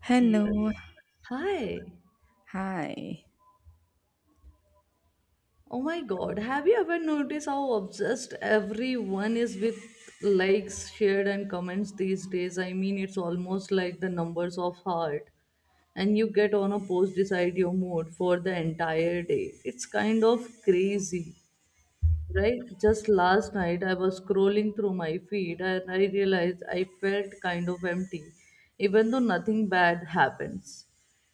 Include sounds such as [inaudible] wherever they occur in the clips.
Hello, Yes. Hi. hi. Oh my God. Have you ever noticed how obsessed everyone is with likes, shared, and comments these days? I mean, it's almost like the numbers of heart, and you get on a post decide your mood for the entire day. It's kind of crazy. Right? Just last night, I was scrolling through my feed and I realized I felt kind of empty, even though nothing bad happens.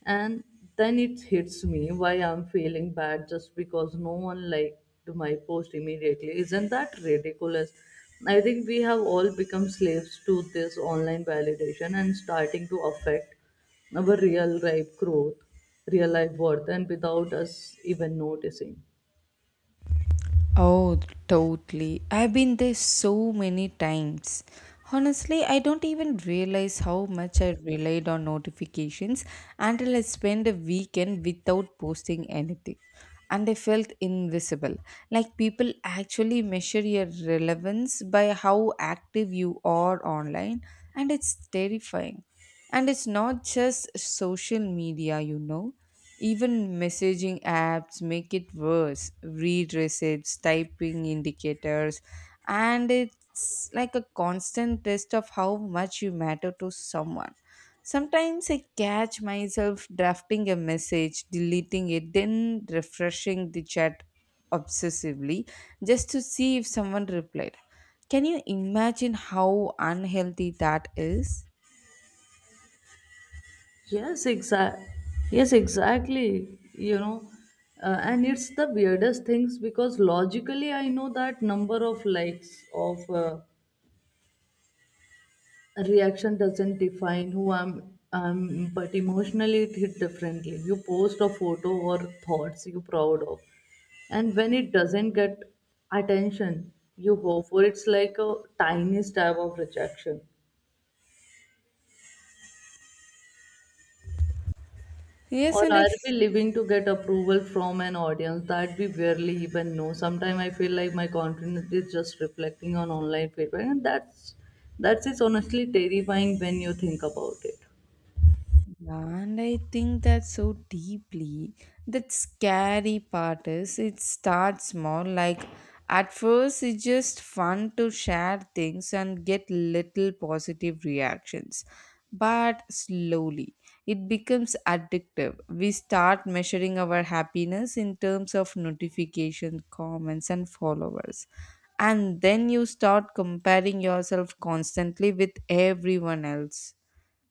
And then it hits me why I'm feeling bad just because no one liked my post immediately. Isn't that ridiculous? I think we have all become slaves to this online validation and starting to affect our real life growth, real life worth, and without us even noticing. Oh, totally. I've been there so many times. Honestly, I don't even realize how much I relied on notifications until I spent a weekend without posting anything. And I felt invisible. Like people actually measure your relevance by how active you are online, and it's terrifying. And it's not just social media, you know. Even messaging apps make it worse. Read receipts, typing indicators, and it's like a constant test of how much you matter to someone. Sometimes I catch myself drafting a message, deleting it, then refreshing the chat obsessively just to see if someone replied. Can you imagine how unhealthy that is? Yes, exact. Yes, exactly. And it's the weirdest things because logically I know that number of likes of a reaction doesn't define who I'm. But emotionally it hit differently. You post a photo or thoughts you're proud of, and when it doesn't get attention, you hope for it's like a tiny stab of rejection. Yes, Or and I. are we living to get approval from an audience that we barely even know? Sometimes I feel like my confidence is just reflecting on online feedback, and that's is honestly terrifying when you think about it. Yeah, and I think that so deeply. That scary part is it starts small. Like at first, it's just fun to share things and get little positive reactions. But slowly, it becomes addictive. We start measuring our happiness in terms of notification, comments, and followers. And then you start comparing yourself constantly with everyone else,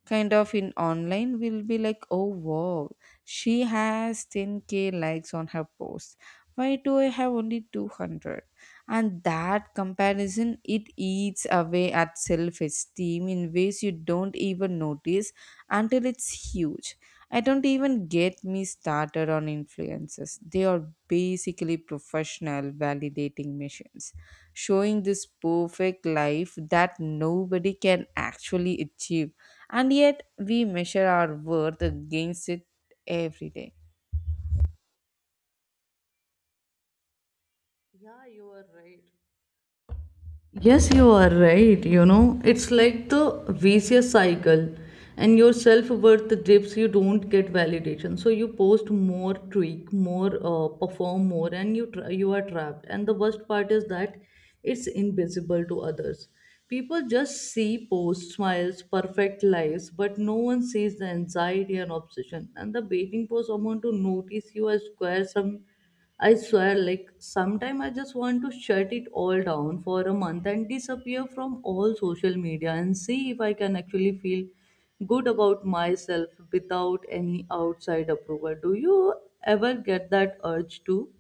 kind of in online, will be like, oh wow, she has 10k likes on her post, why do I have only 200? And that comparison, it eats away at self esteem in ways you don't even notice until it's huge. I don't even get me started on influencers. They are basically professional validating machines showing this perfect life that nobody can actually achieve. And yet, we measure our worth against it every day. Yeah, you are right. Yes, you are right. You know, it's like the vicious cycle, and your self worth dips. You don't get validation, so you post more, tweak more, perform more, and you are trapped. And the worst part is that it's invisible to others. People just see posts, smiles, perfect lives, but no one sees the anxiety and obsession, and the waiting for someone to notice you as square some. I swear, like, sometime I just want to shut it all down for a month and disappear from all social media and see if I can actually feel good about myself without any outside approval. Do you ever get that urge too?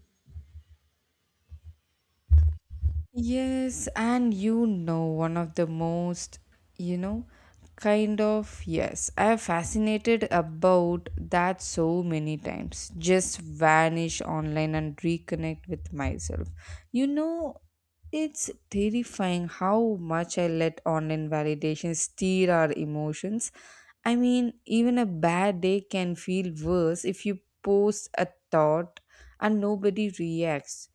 Yes, and you know, one of the most, you know, kind of, yes, I have fascinated about that so many times. Just vanish online and reconnect with myself. You know, it's terrifying how much I let online validation steer our emotions. I mean, even a bad day can feel worse if you post a thought and nobody reacts,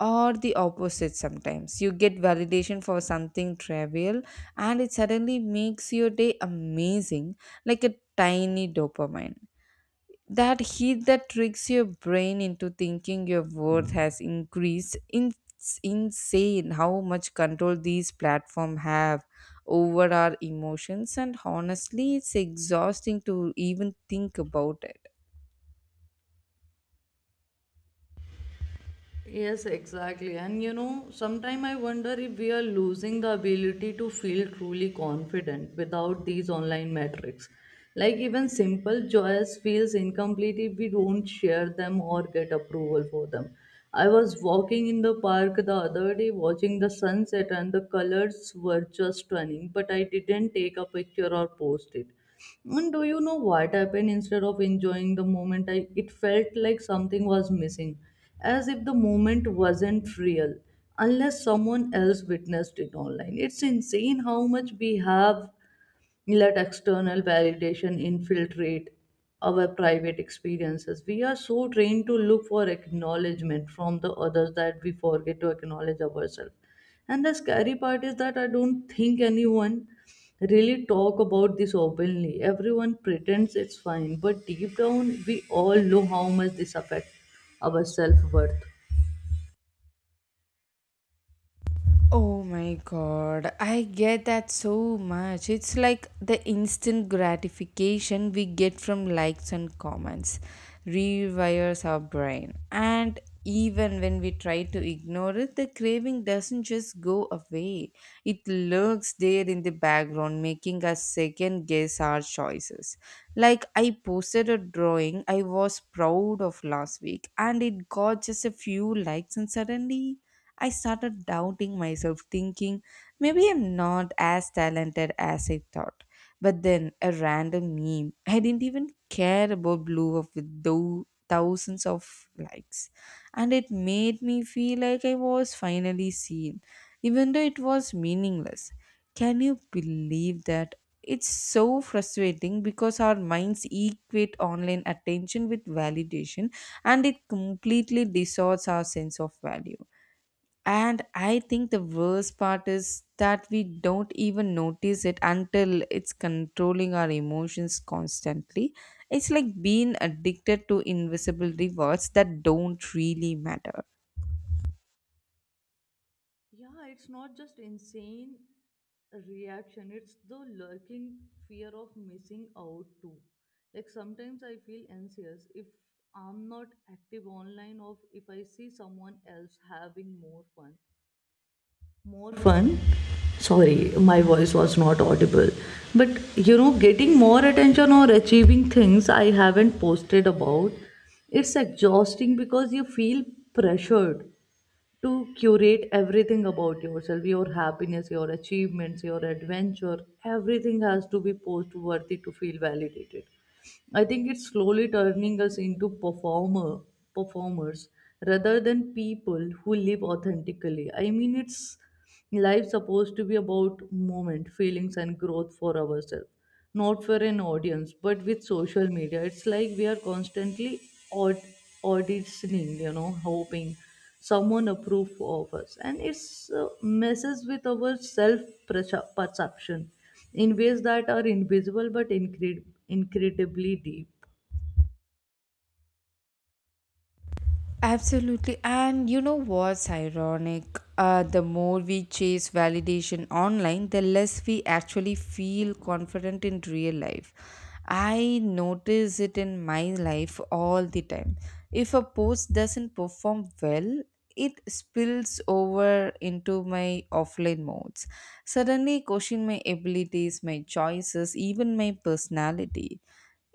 or the opposite sometimes. You get validation for something trivial and it suddenly makes your day amazing, like a tiny dopamine that heat that tricks your brain into thinking your worth has increased in it's insane how much control these platforms have over our emotions. And honestly, it's exhausting to even think about it. Yes, exactly. And you know, sometimes I wonder if we are losing the ability to feel truly confident without these online metrics. Like even simple joys feels incomplete if we don't share them or get approval for them. I was walking in the park the other day watching the sunset and the colors were just stunning, but I didn't take a picture or post it. And do you know what happened instead of enjoying the moment? It felt like something was missing as if the moment wasn't real unless someone else witnessed it online. It's insane how much we have let external validation infiltrate our private experiences. We are so trained to look for acknowledgement from the others that we forget to acknowledge ourselves. And the scary part is that I don't think anyone really talk about this openly. Everyone pretends it's fine, but deep down we all know how much this affects our self-worth. Oh my god, I get that so much. It's like the instant gratification we get from likes and comments rewires our brain. And even when we try to ignore it, the craving doesn't just go away, it lurks there in the background, making us second guess our choices. Like, I posted a drawing I was proud of last week, and it got just a few likes, and suddenly I started doubting myself, thinking maybe I'm not as talented as I thought. But then a random meme, I didn't even care about, blew up with thousands of likes. And it made me feel like I was finally seen, even though it was meaningless. Can you believe that? It's so frustrating because our minds equate online attention with validation and it completely distorts our sense of value. And I think the worst part is that we don't even notice it until it's controlling our emotions constantly. It's like being addicted to invisible rewards that don't really matter. Yeah, it's not just insane reaction, it's the lurking fear of missing out too. Like sometimes I feel anxious if I'm not active online or if I see someone else having more fun. More fun? Sorry, my voice was not audible. But you know, getting more attention or achieving things I haven't posted about, it's exhausting because you feel pressured to curate everything about yourself, your happiness, your achievements, your adventure. Everything has to be post worthy to feel validated. I think it's slowly turning us into performers rather than people who live authentically. I mean, it's life supposed to be about moment feelings and growth for ourselves, not for an audience, but with social media it's like we are constantly aud- auditioning, hoping someone approve of us, and it's messes with our self perception in ways that are invisible but incredibly deep. Absolutely. And you know what's ironic? The more we chase validation online, the less we actually feel confident in real life. I notice it in my life all the time. If a post doesn't perform well, it spills over into my offline modes. Suddenly, question my abilities, my choices, even my personality.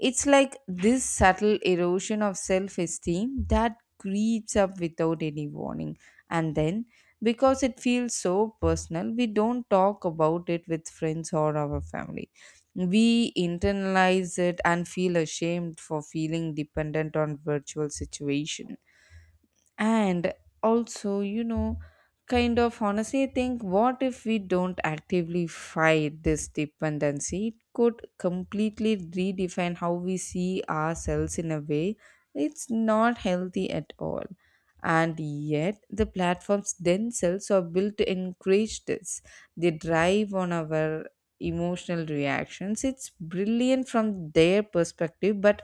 It's like this subtle erosion of self esteem that creeps up without any warning. And then, because it feels so personal, we don't talk about it with friends or our family. We internalize it and feel ashamed for feeling dependent on virtual situation. And also, you know, kind of honestly think, what if we don't actively fight this dependency? It could completely redefine how we see ourselves in a way it's not healthy at all. And yet, the platforms themselves are built to encourage this. They drive on our emotional reactions. It's brilliant from their perspective, but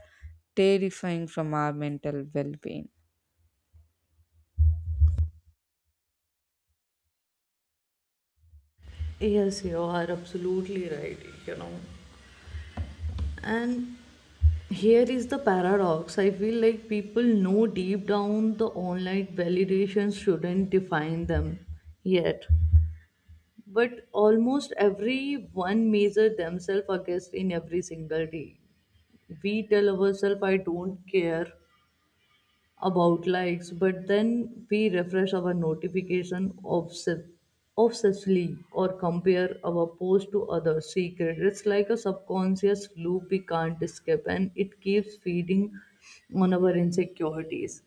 terrifying from our mental well being. Yes, you are absolutely right. You know, and here is the paradox. I feel like people know deep down the online validation shouldn't define them, yet but almost everyone measure themselves against in every single day. We tell ourselves I don't care about likes, but then we refresh our notification obsessively or compare our post to other secret. It's like a subconscious loop we can't escape, and it keeps feeding on our insecurities.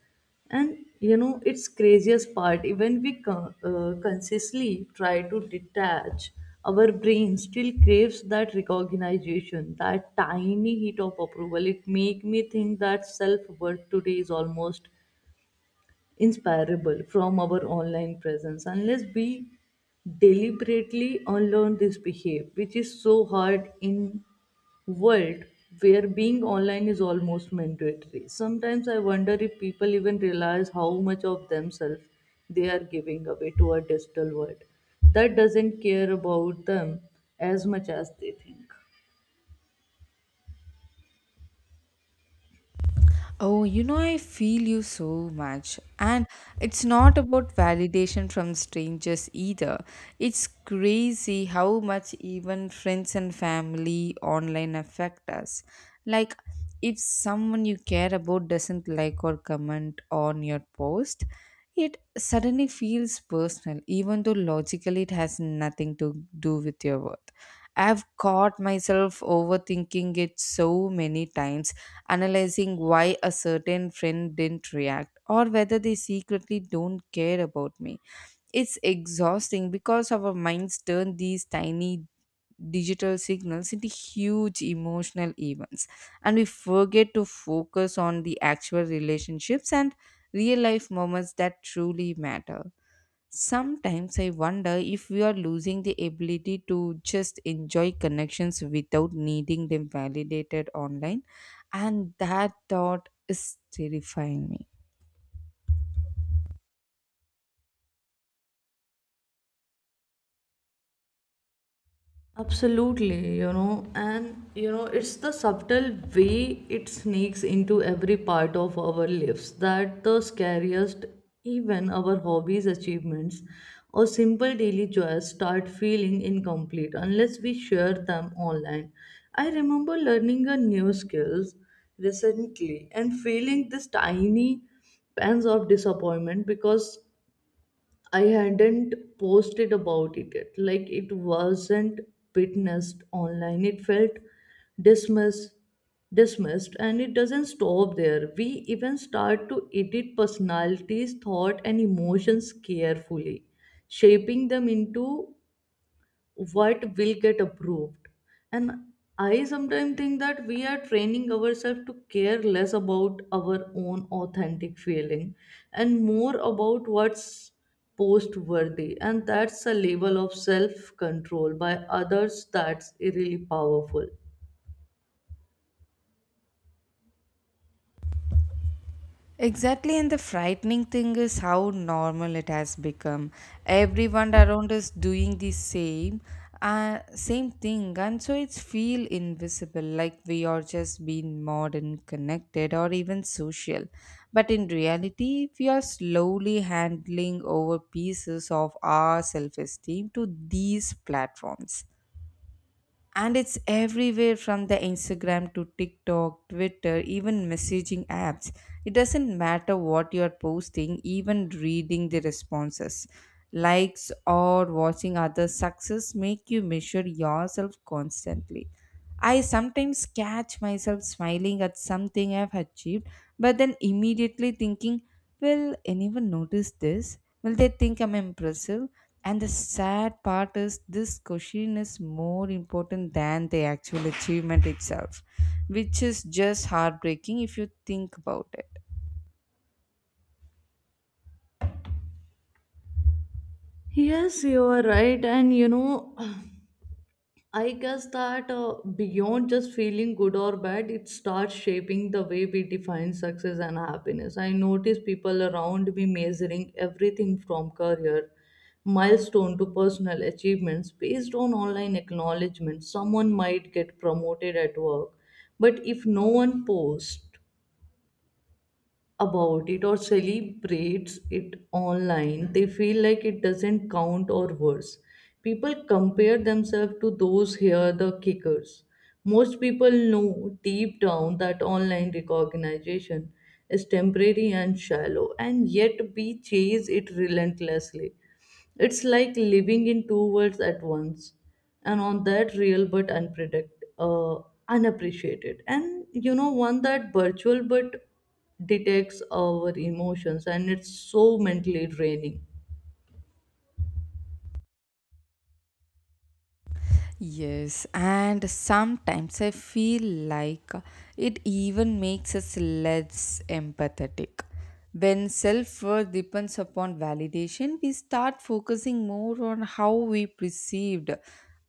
And you know, it's craziest part. Even consciously try to detach, our brain still craves that recognition, that tiny hit of approval. It make me think that self worth today is almost inspirable from our online presence unless we deliberately unlearn this behavior, which is so hard in world where being online is almost mandatory. Sometimes I wonder if people even realize how much of themselves they are giving away to a digital world that doesn't care about them as much as they think. Oh, you know, I feel you so much. And it's not about validation from strangers either. It's crazy how much even friends and family online affect us. Like, if someone you care about doesn't like or comment on your post, it suddenly feels personal, even though logically it has nothing to do with your worth. I've caught myself overthinking it so many times, analyzing why a certain friend didn't react or whether they secretly don't care about me. It's exhausting because our minds turn these tiny digital signals into huge emotional events and we forget to focus on the actual relationships and real life moments that truly matter. Sometimes I wonder if we are losing the ability to just enjoy connections without needing them validated online, and that thought is terrifying me. Absolutely. It's the subtle way it sneaks into every part of our lives that the scariest. Even our hobbies, achievements, or simple daily joys start feeling incomplete unless we share them online. I remember learning a new skills recently and feeling this tiny pangs of disappointment because I hadn't posted about it yet. Like it wasn't witnessed online. It felt dismissed dismissed, and it doesn't stop there. We even start to edit personalities, thought and emotions carefully, shaping them into what will get approved. And I sometimes think that we are training ourselves to care less about our own authentic feeling and more about what's post worthy, and that's a level of self control by others that's really powerful. Exactly, and the frightening thing is how normal it has become. Everyone around is doing the same, same thing, and so it's feel invisible, like we are just being modern, connected, or even social. But in reality, we are slowly handling over pieces of our self-esteem to these platforms. And it's everywhere, from the Instagram to TikTok, Twitter, even messaging apps. It doesn't matter what you're posting, even reading the responses, likes, or watching others success make you measure yourself constantly. I sometimes catch myself smiling at something I've achieved, but then immediately thinking, will anyone notice this, will they think I'm impressive? And the sad part is, this question is more important than the actual achievement itself, which is just heartbreaking if you think about it. Yes, you are right. And you know, [sighs] I guess that beyond just feeling good or bad, it starts shaping the way we define success and happiness. I notice people around me measuring everything from career milestone to personal achievements based on online acknowledgement. Someone might get promoted at work, but if no one posts about it or celebrates it online, they feel like it doesn't count or worse. People compare themselves to those here, the kickers. Most people know deep down that online recognition is temporary and shallow, and yet we chase it relentlessly. It's like living in two worlds at once, and on that real but uh, unappreciated, and you know one that virtual but detects our emotions, and it's so mentally draining. Yes, and sometimes I feel like it even makes us less empathetic. When self worth depends upon validation, we start focusing more on how we perceived,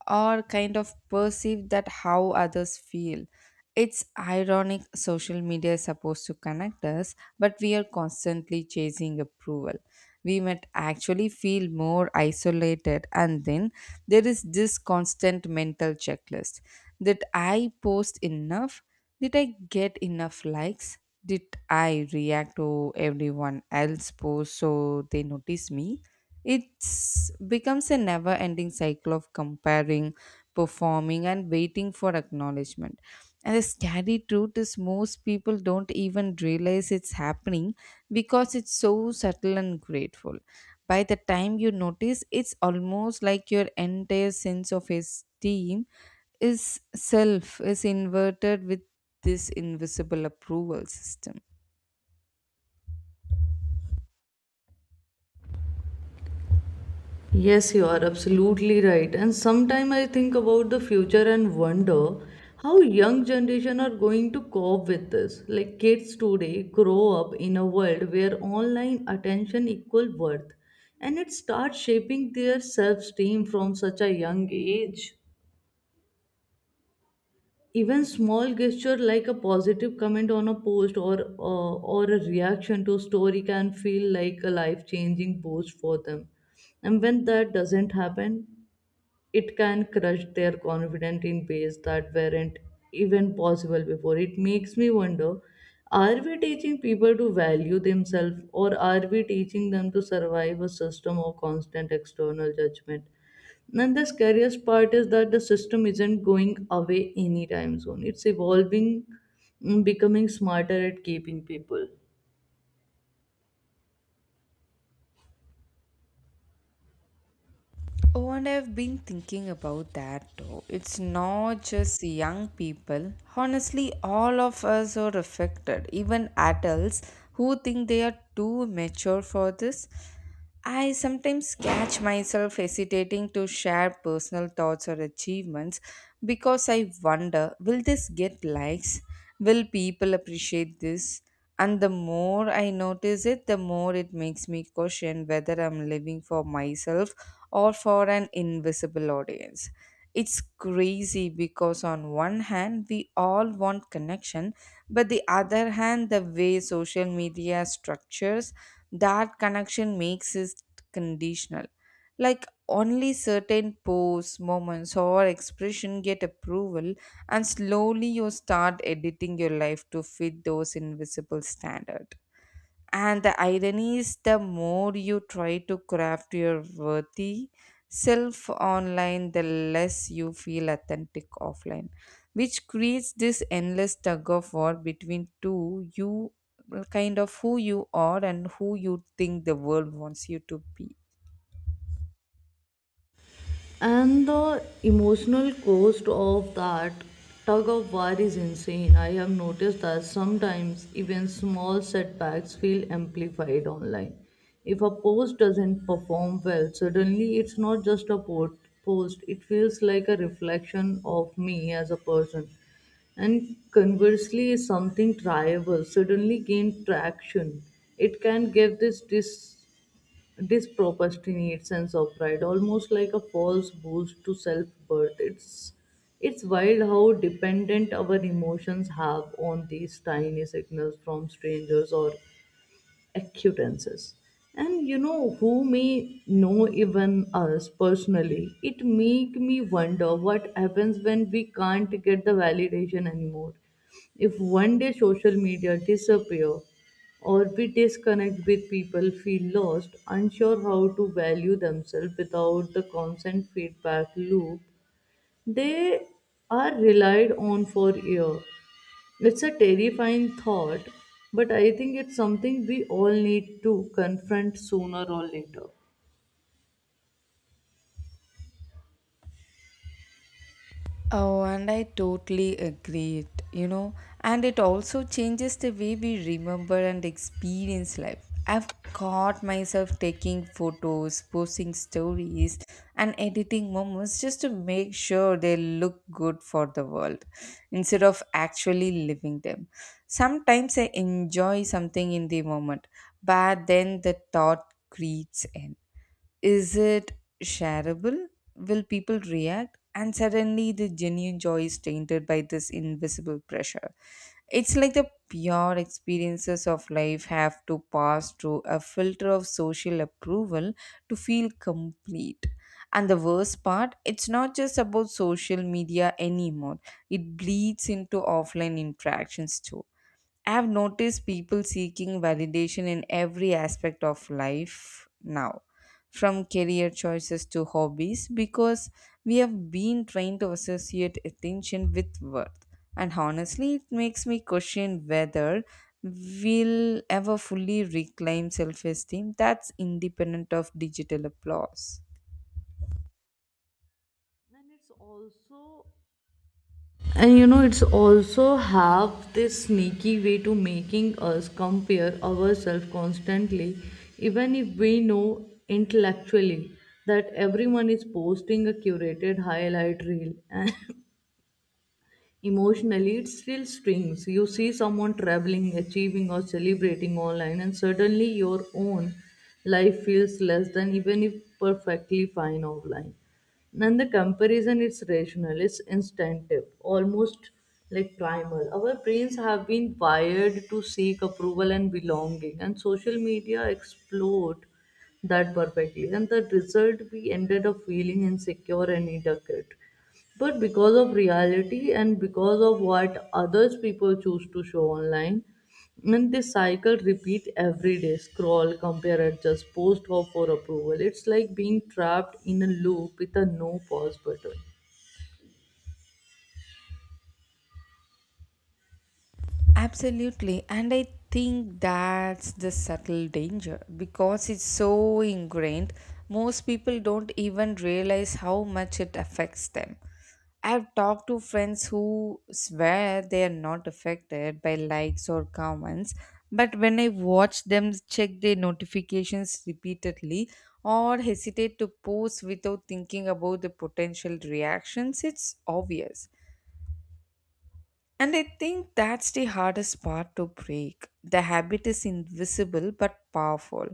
or kind of perceive that how others feel. It's ironic, social media is supposed to connect us, but we are constantly chasing approval. We might actually feel more isolated. And then there is this constant mental checklist. That I post enough? Did I get enough likes? Did I react to everyone else post so they notice me? It's becomes a never ending cycle of comparing, performing, and waiting for acknowledgement. And the scary truth is, most people don't even realize it's happening because it's so subtle and grateful. By the time you notice, it's almost like your entire sense of esteem is self is inverted with this invisible approval system. Yes, you are absolutely right. And sometimes I think about the future and wonder how young generation are going to cope with this. Like kids today grow up in a world where online attention equal worth, and it starts shaping their self-esteem from such a young age. Even small gesture like a positive comment on a post or a reaction to a story can feel like a life-changing boost for them. And when that doesn't happen, it can crush their confidence in ways that weren't even possible before. It makes me wonder, are we teaching people to value themselves or are we teaching them to survive a system of constant external judgment? And the scariest part is that the system isn't going away anytime soon. It's evolving, becoming smarter at keeping people. Oh, and I've been thinking about that too. It's not just young people. Honestly, all of us are affected, even adults who think they are too mature for this. I sometimes catch myself hesitating to share personal thoughts or achievements because I wonder, will this get likes? Will people appreciate this? And the more I notice it, the more it makes me question whether I'm living for myself or for an invisible audience. It's crazy because, on one hand, we all want connection, but the other hand, the way social media structures that connection makes it conditional. Like, only certain posts, moments, or expression get approval, and slowly you start editing your life to fit those invisible standards. And the irony is, the more you try to craft your worthy self online, the less you feel authentic offline, which creates this endless tug of war between two you, kind of who you are and who you think the world wants you to be. And the emotional cost of that tug of war is insane. I have noticed that sometimes even small setbacks feel amplified online. If a post doesn't perform well, suddenly it's not just a post, it feels like a reflection of me as a person. And conversely, if something triable suddenly gained traction, it can give this procrastinate sense of pride, almost like a false boost to self-worth. It's wild how dependent our emotions have on these tiny signals from strangers or acquaintances. And you know who may know even us personally. It make me wonder what happens when we can't get the validation anymore. If one day social media disappear or we disconnect with people feel lost, unsure how to value themselves without the constant feedback loop they are relied on for years. It's a terrifying thought, but I think it's something we all need to confront sooner or later. Oh, and I totally agree it, you know, and it also changes the way we remember and experience life. I've caught myself taking photos, posting stories, and editing moments just to make sure they look good for the world instead of actually living them. Sometimes I enjoy something in the moment, but then the thought creeps in. Is it shareable? Will people react? And suddenly the genuine joy is tainted by this invisible pressure. It's like the pure experiences of life have to pass through a filter of social approval to feel complete. And the worst part, it's not just about social media anymore, it bleeds into offline interactions too. I've noticed people seeking validation in every aspect of life now, from career choices to hobbies, because we have been trained to associate attention with worth. And honestly, it makes me question whether we'll ever fully reclaim self esteem that's independent of digital applause. And it's also, and you know, it's also have this sneaky way to making us compare ourselves constantly, even if we know intellectually that everyone is posting a curated highlight reel. [laughs] Emotionally, it still stings. You see someone traveling, achieving, or celebrating online, and suddenly your own life feels less than even if perfectly fine offline. And the comparison is rational, it's instinctive, almost like primal. Our brains have been wired to seek approval and belonging, and social media explode that perfectly. And the result, we ended up feeling insecure and inadequate but because of reality and because of what others people choose to show online, and this cycle repeat every day scroll, compare, adjust, post, hope for approval. It's like being trapped in a loop with a no pause button. Absolutely. And I think that's the subtle danger because it's so ingrained, most people don't even realize how much it affects them. I've talked to friends who swear they are not affected by likes or comments, but when I watch them check their notifications repeatedly or hesitate to post without thinking about the potential reactions, it's obvious. And I think that's the hardest part to break. The habit is invisible but powerful.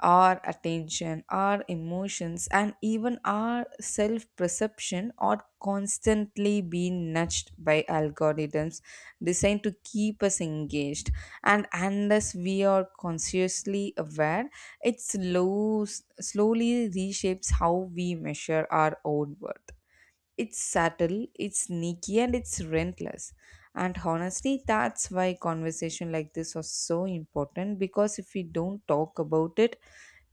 Our attention, our emotions, and even our self perception are constantly being nudged by algorithms designed to keep us engaged. And unless we are consciously aware, it slows, slowly reshapes how we measure our own worth. It's subtle, it's sneaky, and it's relentless. And honestly, that's why conversation like this are so important because if we don't talk about it,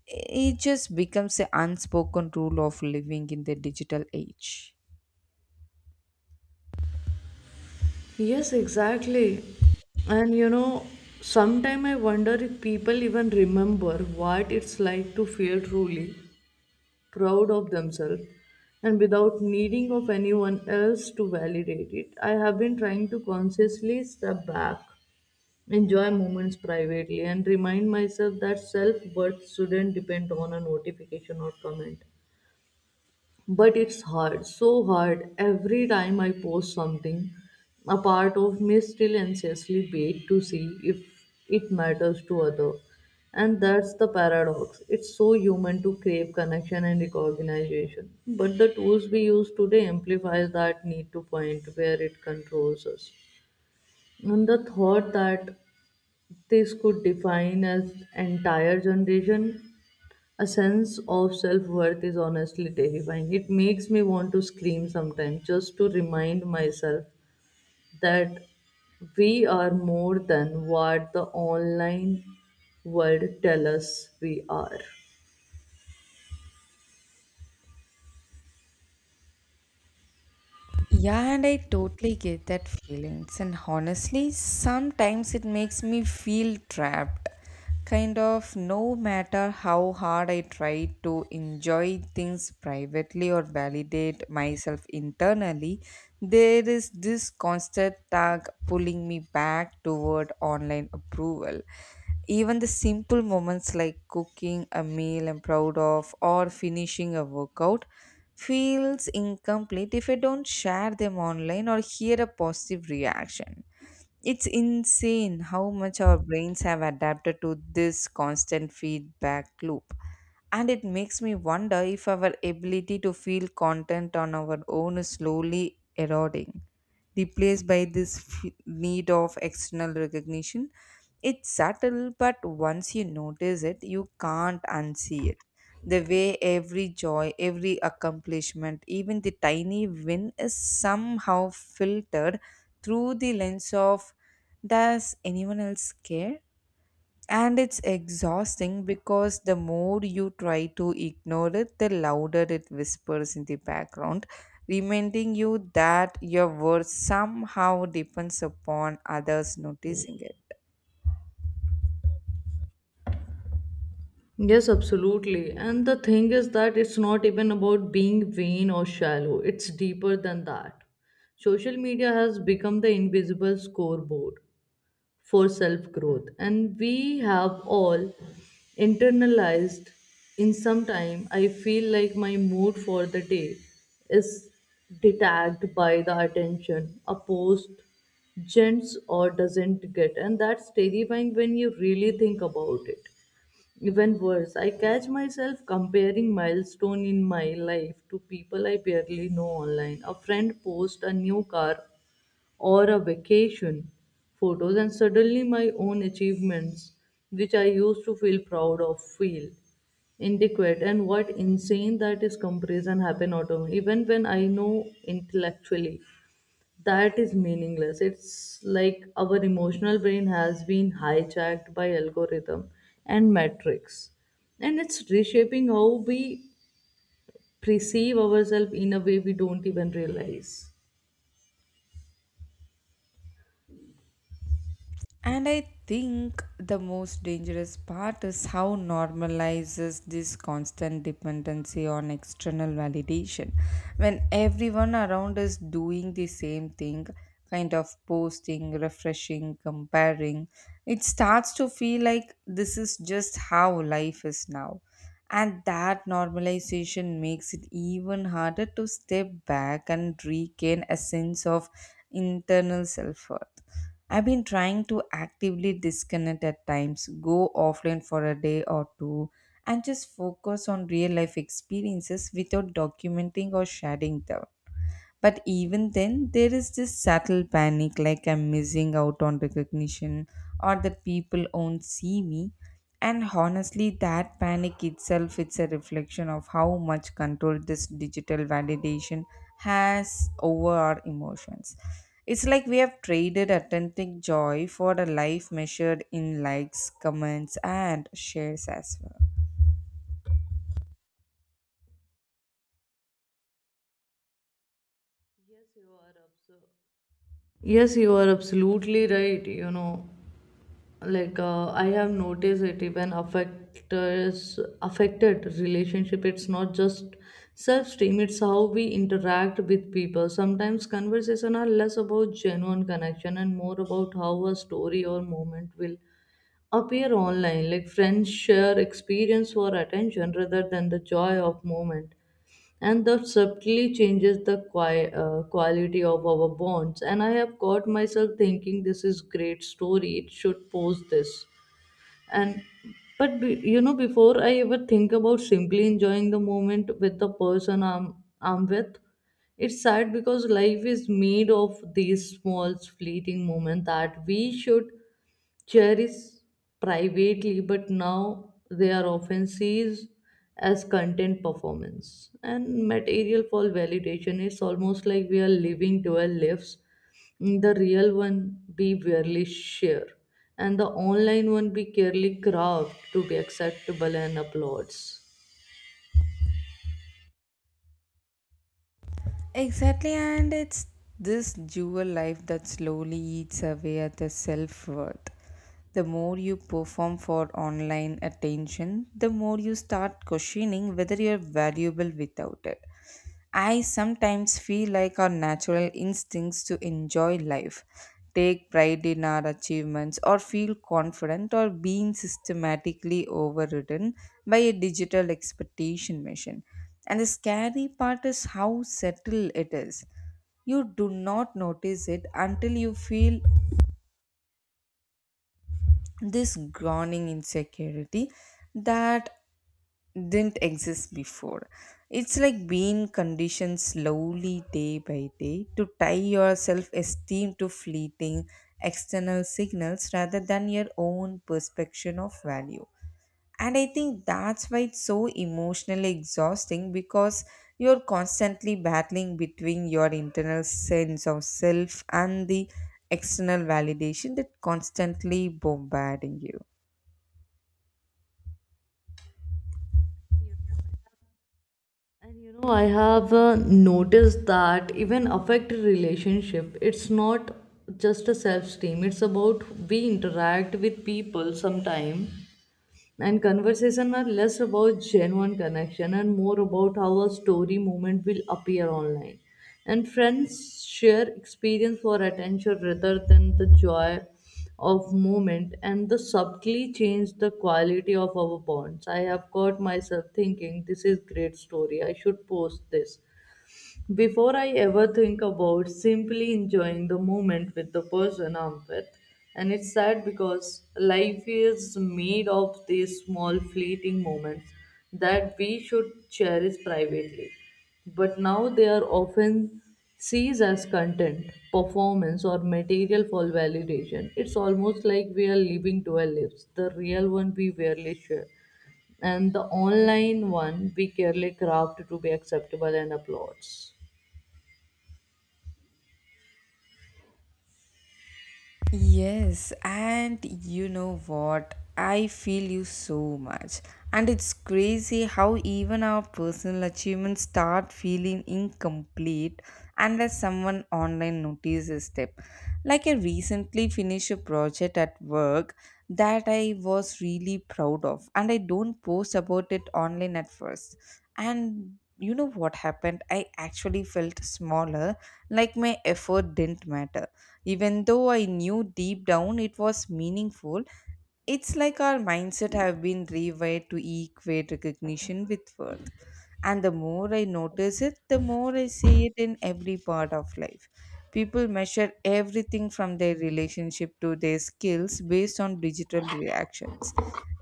it just becomes an unspoken rule of living in the digital age. Yes, exactly. And you know, sometime I wonder if people even remember what it's like to feel truly. Proud of themselves, and without needing of anyone else to validate it. I have been trying to consciously step back, enjoy moments privately, and remind myself that self-worth shouldn't depend on a notification or comment. But it's hard, so hard. Every time I post something, a part of me still anxiously waits to see if it matters to other. And that's the paradox. It's so human to crave connection and recognition, but the tools we use today amplify that need to point where it controls us. And the thought that this could define as entire generation a sense of self worth is honestly terrifying. It makes me want to scream sometimes, just to remind myself that we are more than what the online world tell us we are. Yeah, and I totally get that feelings. And honestly, sometimes it makes me feel trapped. Kind of no matter how hard I try to enjoy things privately or validate myself internally, there is this constant tug pulling me back toward online approval. Even the simple moments like cooking a meal I'm proud of or finishing a workout feels incomplete if I don't share them online or hear a positive reaction. It's insane how much our brains have adapted to this constant feedback loop. And it makes me wonder if our ability to feel content on our own is slowly eroding, replaced by this need of external recognition. It's subtle, but once you notice it, you can't unsee it. The way every joy, every accomplishment, even the tiny win is somehow filtered through the lens of, does anyone else care? And it's exhausting because the more you try to ignore it, the louder it whispers in the background, reminding you that your worth somehow depends upon others noticing it. Yes, absolutely. And the thing is that it's not even about being vain or shallow, it's deeper than that. Social media has become the invisible scoreboard for self growth, and we have all internalized in some time. I feel like my mood for the day is detached by the attention a post gents or doesn't get, and that's terrifying when you really think about it. Even worse, I catch myself comparing milestone in my life to people I barely know online. A friend posts a new car or a vacation photos, and suddenly my own achievements, which I used to feel proud of, feel inadequate. And what insane that is. Comparison happen auto even when I know intellectually that is meaningless. It's like our emotional brain has been hijacked by algorithm and metrics, and it's reshaping how we perceive ourselves in a way we don't even realize. And I think the most dangerous part is how normalizes this constant dependency on external validation. When everyone around is doing the same thing, kind of posting, refreshing, comparing, it starts to feel like this is just how life is now. And that normalization makes it even harder to step back and regain a sense of internal self worth. I've been trying to actively disconnect at times, go offline for a day or two, and just focus on real life experiences without documenting or sharing them. But even then, there is this subtle panic like I'm missing out on recognition or that people won't see me. And honestly, that panic itself it's a reflection of how much control this digital validation has over our emotions. It's like we have traded authentic joy for a life measured in likes, comments, and shares as well. Yes, you are absolutely right. You know, like I have noticed it even affects affected relationship. It's not just self-esteem, it's how we interact with people. Sometimes conversation are less about genuine connection and more about how a story or moment will appear online. Like friends share experience for attention rather than the joy of moment, and that subtly changes the quality of our bonds. And I have caught myself thinking this is great story, it should post this. And but be before I ever think about simply enjoying the moment with the person I'm with. It's sad because life is made of these small fleeting moments that we should cherished privately, but now they are often seized as content, performance. And material for validation is almost like we are living dual lives. The real one we barely share, and the online one we carefully craft to be acceptable and applauds. Exactly, and it's this dual life that slowly eats away at the self worth. The more you perform for online attention, the more you start questioning whether you're valuable without it. I sometimes feel like our natural instincts to enjoy life, take pride in our achievements, or feel confident are being systematically overridden by a digital expectation machine. And the scary part is how subtle it is. You do not notice it until you feel this groaning insecurity that didn't exist before. It's like being conditioned slowly day by day to tie your self esteem to fleeting external signals rather than your own perception of value. And I think that's why it's so emotionally exhausting because you're constantly battling between your internal sense of self and the external validation that constantly bombarding you. And you know, I have noticed that even affect relationship. It's not just a self-esteem. It's about we interact with people sometime, and conversation are less about genuine connection and more about how a story moment will appear online. And friends share experience for attention rather than the joy of moment, and the subtly change the quality of our bonds. I have caught myself thinking this is great story, I should post this before I ever think about simply enjoying the moment with the person I'm with. And it's sad because life is made of these small fleeting moments that we should cherish privately. But now they are often seized as content, performance, or material for validation. It's almost like we are living two lives, the real one we rarely share, and the online one we carefully craft to be acceptable and applauds. Yes, and you know what? I feel you so much. And it's crazy how even our personal achievements start feeling incomplete unless someone online notices them. Like I recently finished a project at work that I was really proud of, and I don't post about it online at first. And you know what happened? I actually felt smaller, like my effort didn't matter even though I knew deep down it was meaningful. It's like our mindset have been rewired to equate recognition with worth, and the more I notice it the more I see it in every part of life. People measure everything from their relationship to their skills based on digital reactions.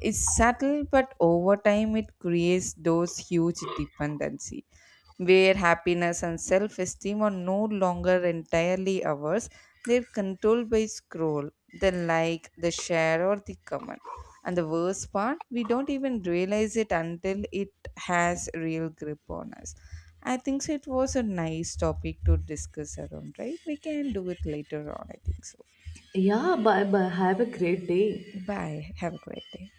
It's subtle, but over time it creates those huge dependencies where happiness and self esteem are no longer entirely ours, they're controlled by scroll, the like, the share, or the comment. And the worst part, we don't even realize it until it has real grip on us. I think so it was a nice topic to discuss around, right? We can do it later on, I think so. Yeah, bye bye. Have a great day. Bye. Have a great day.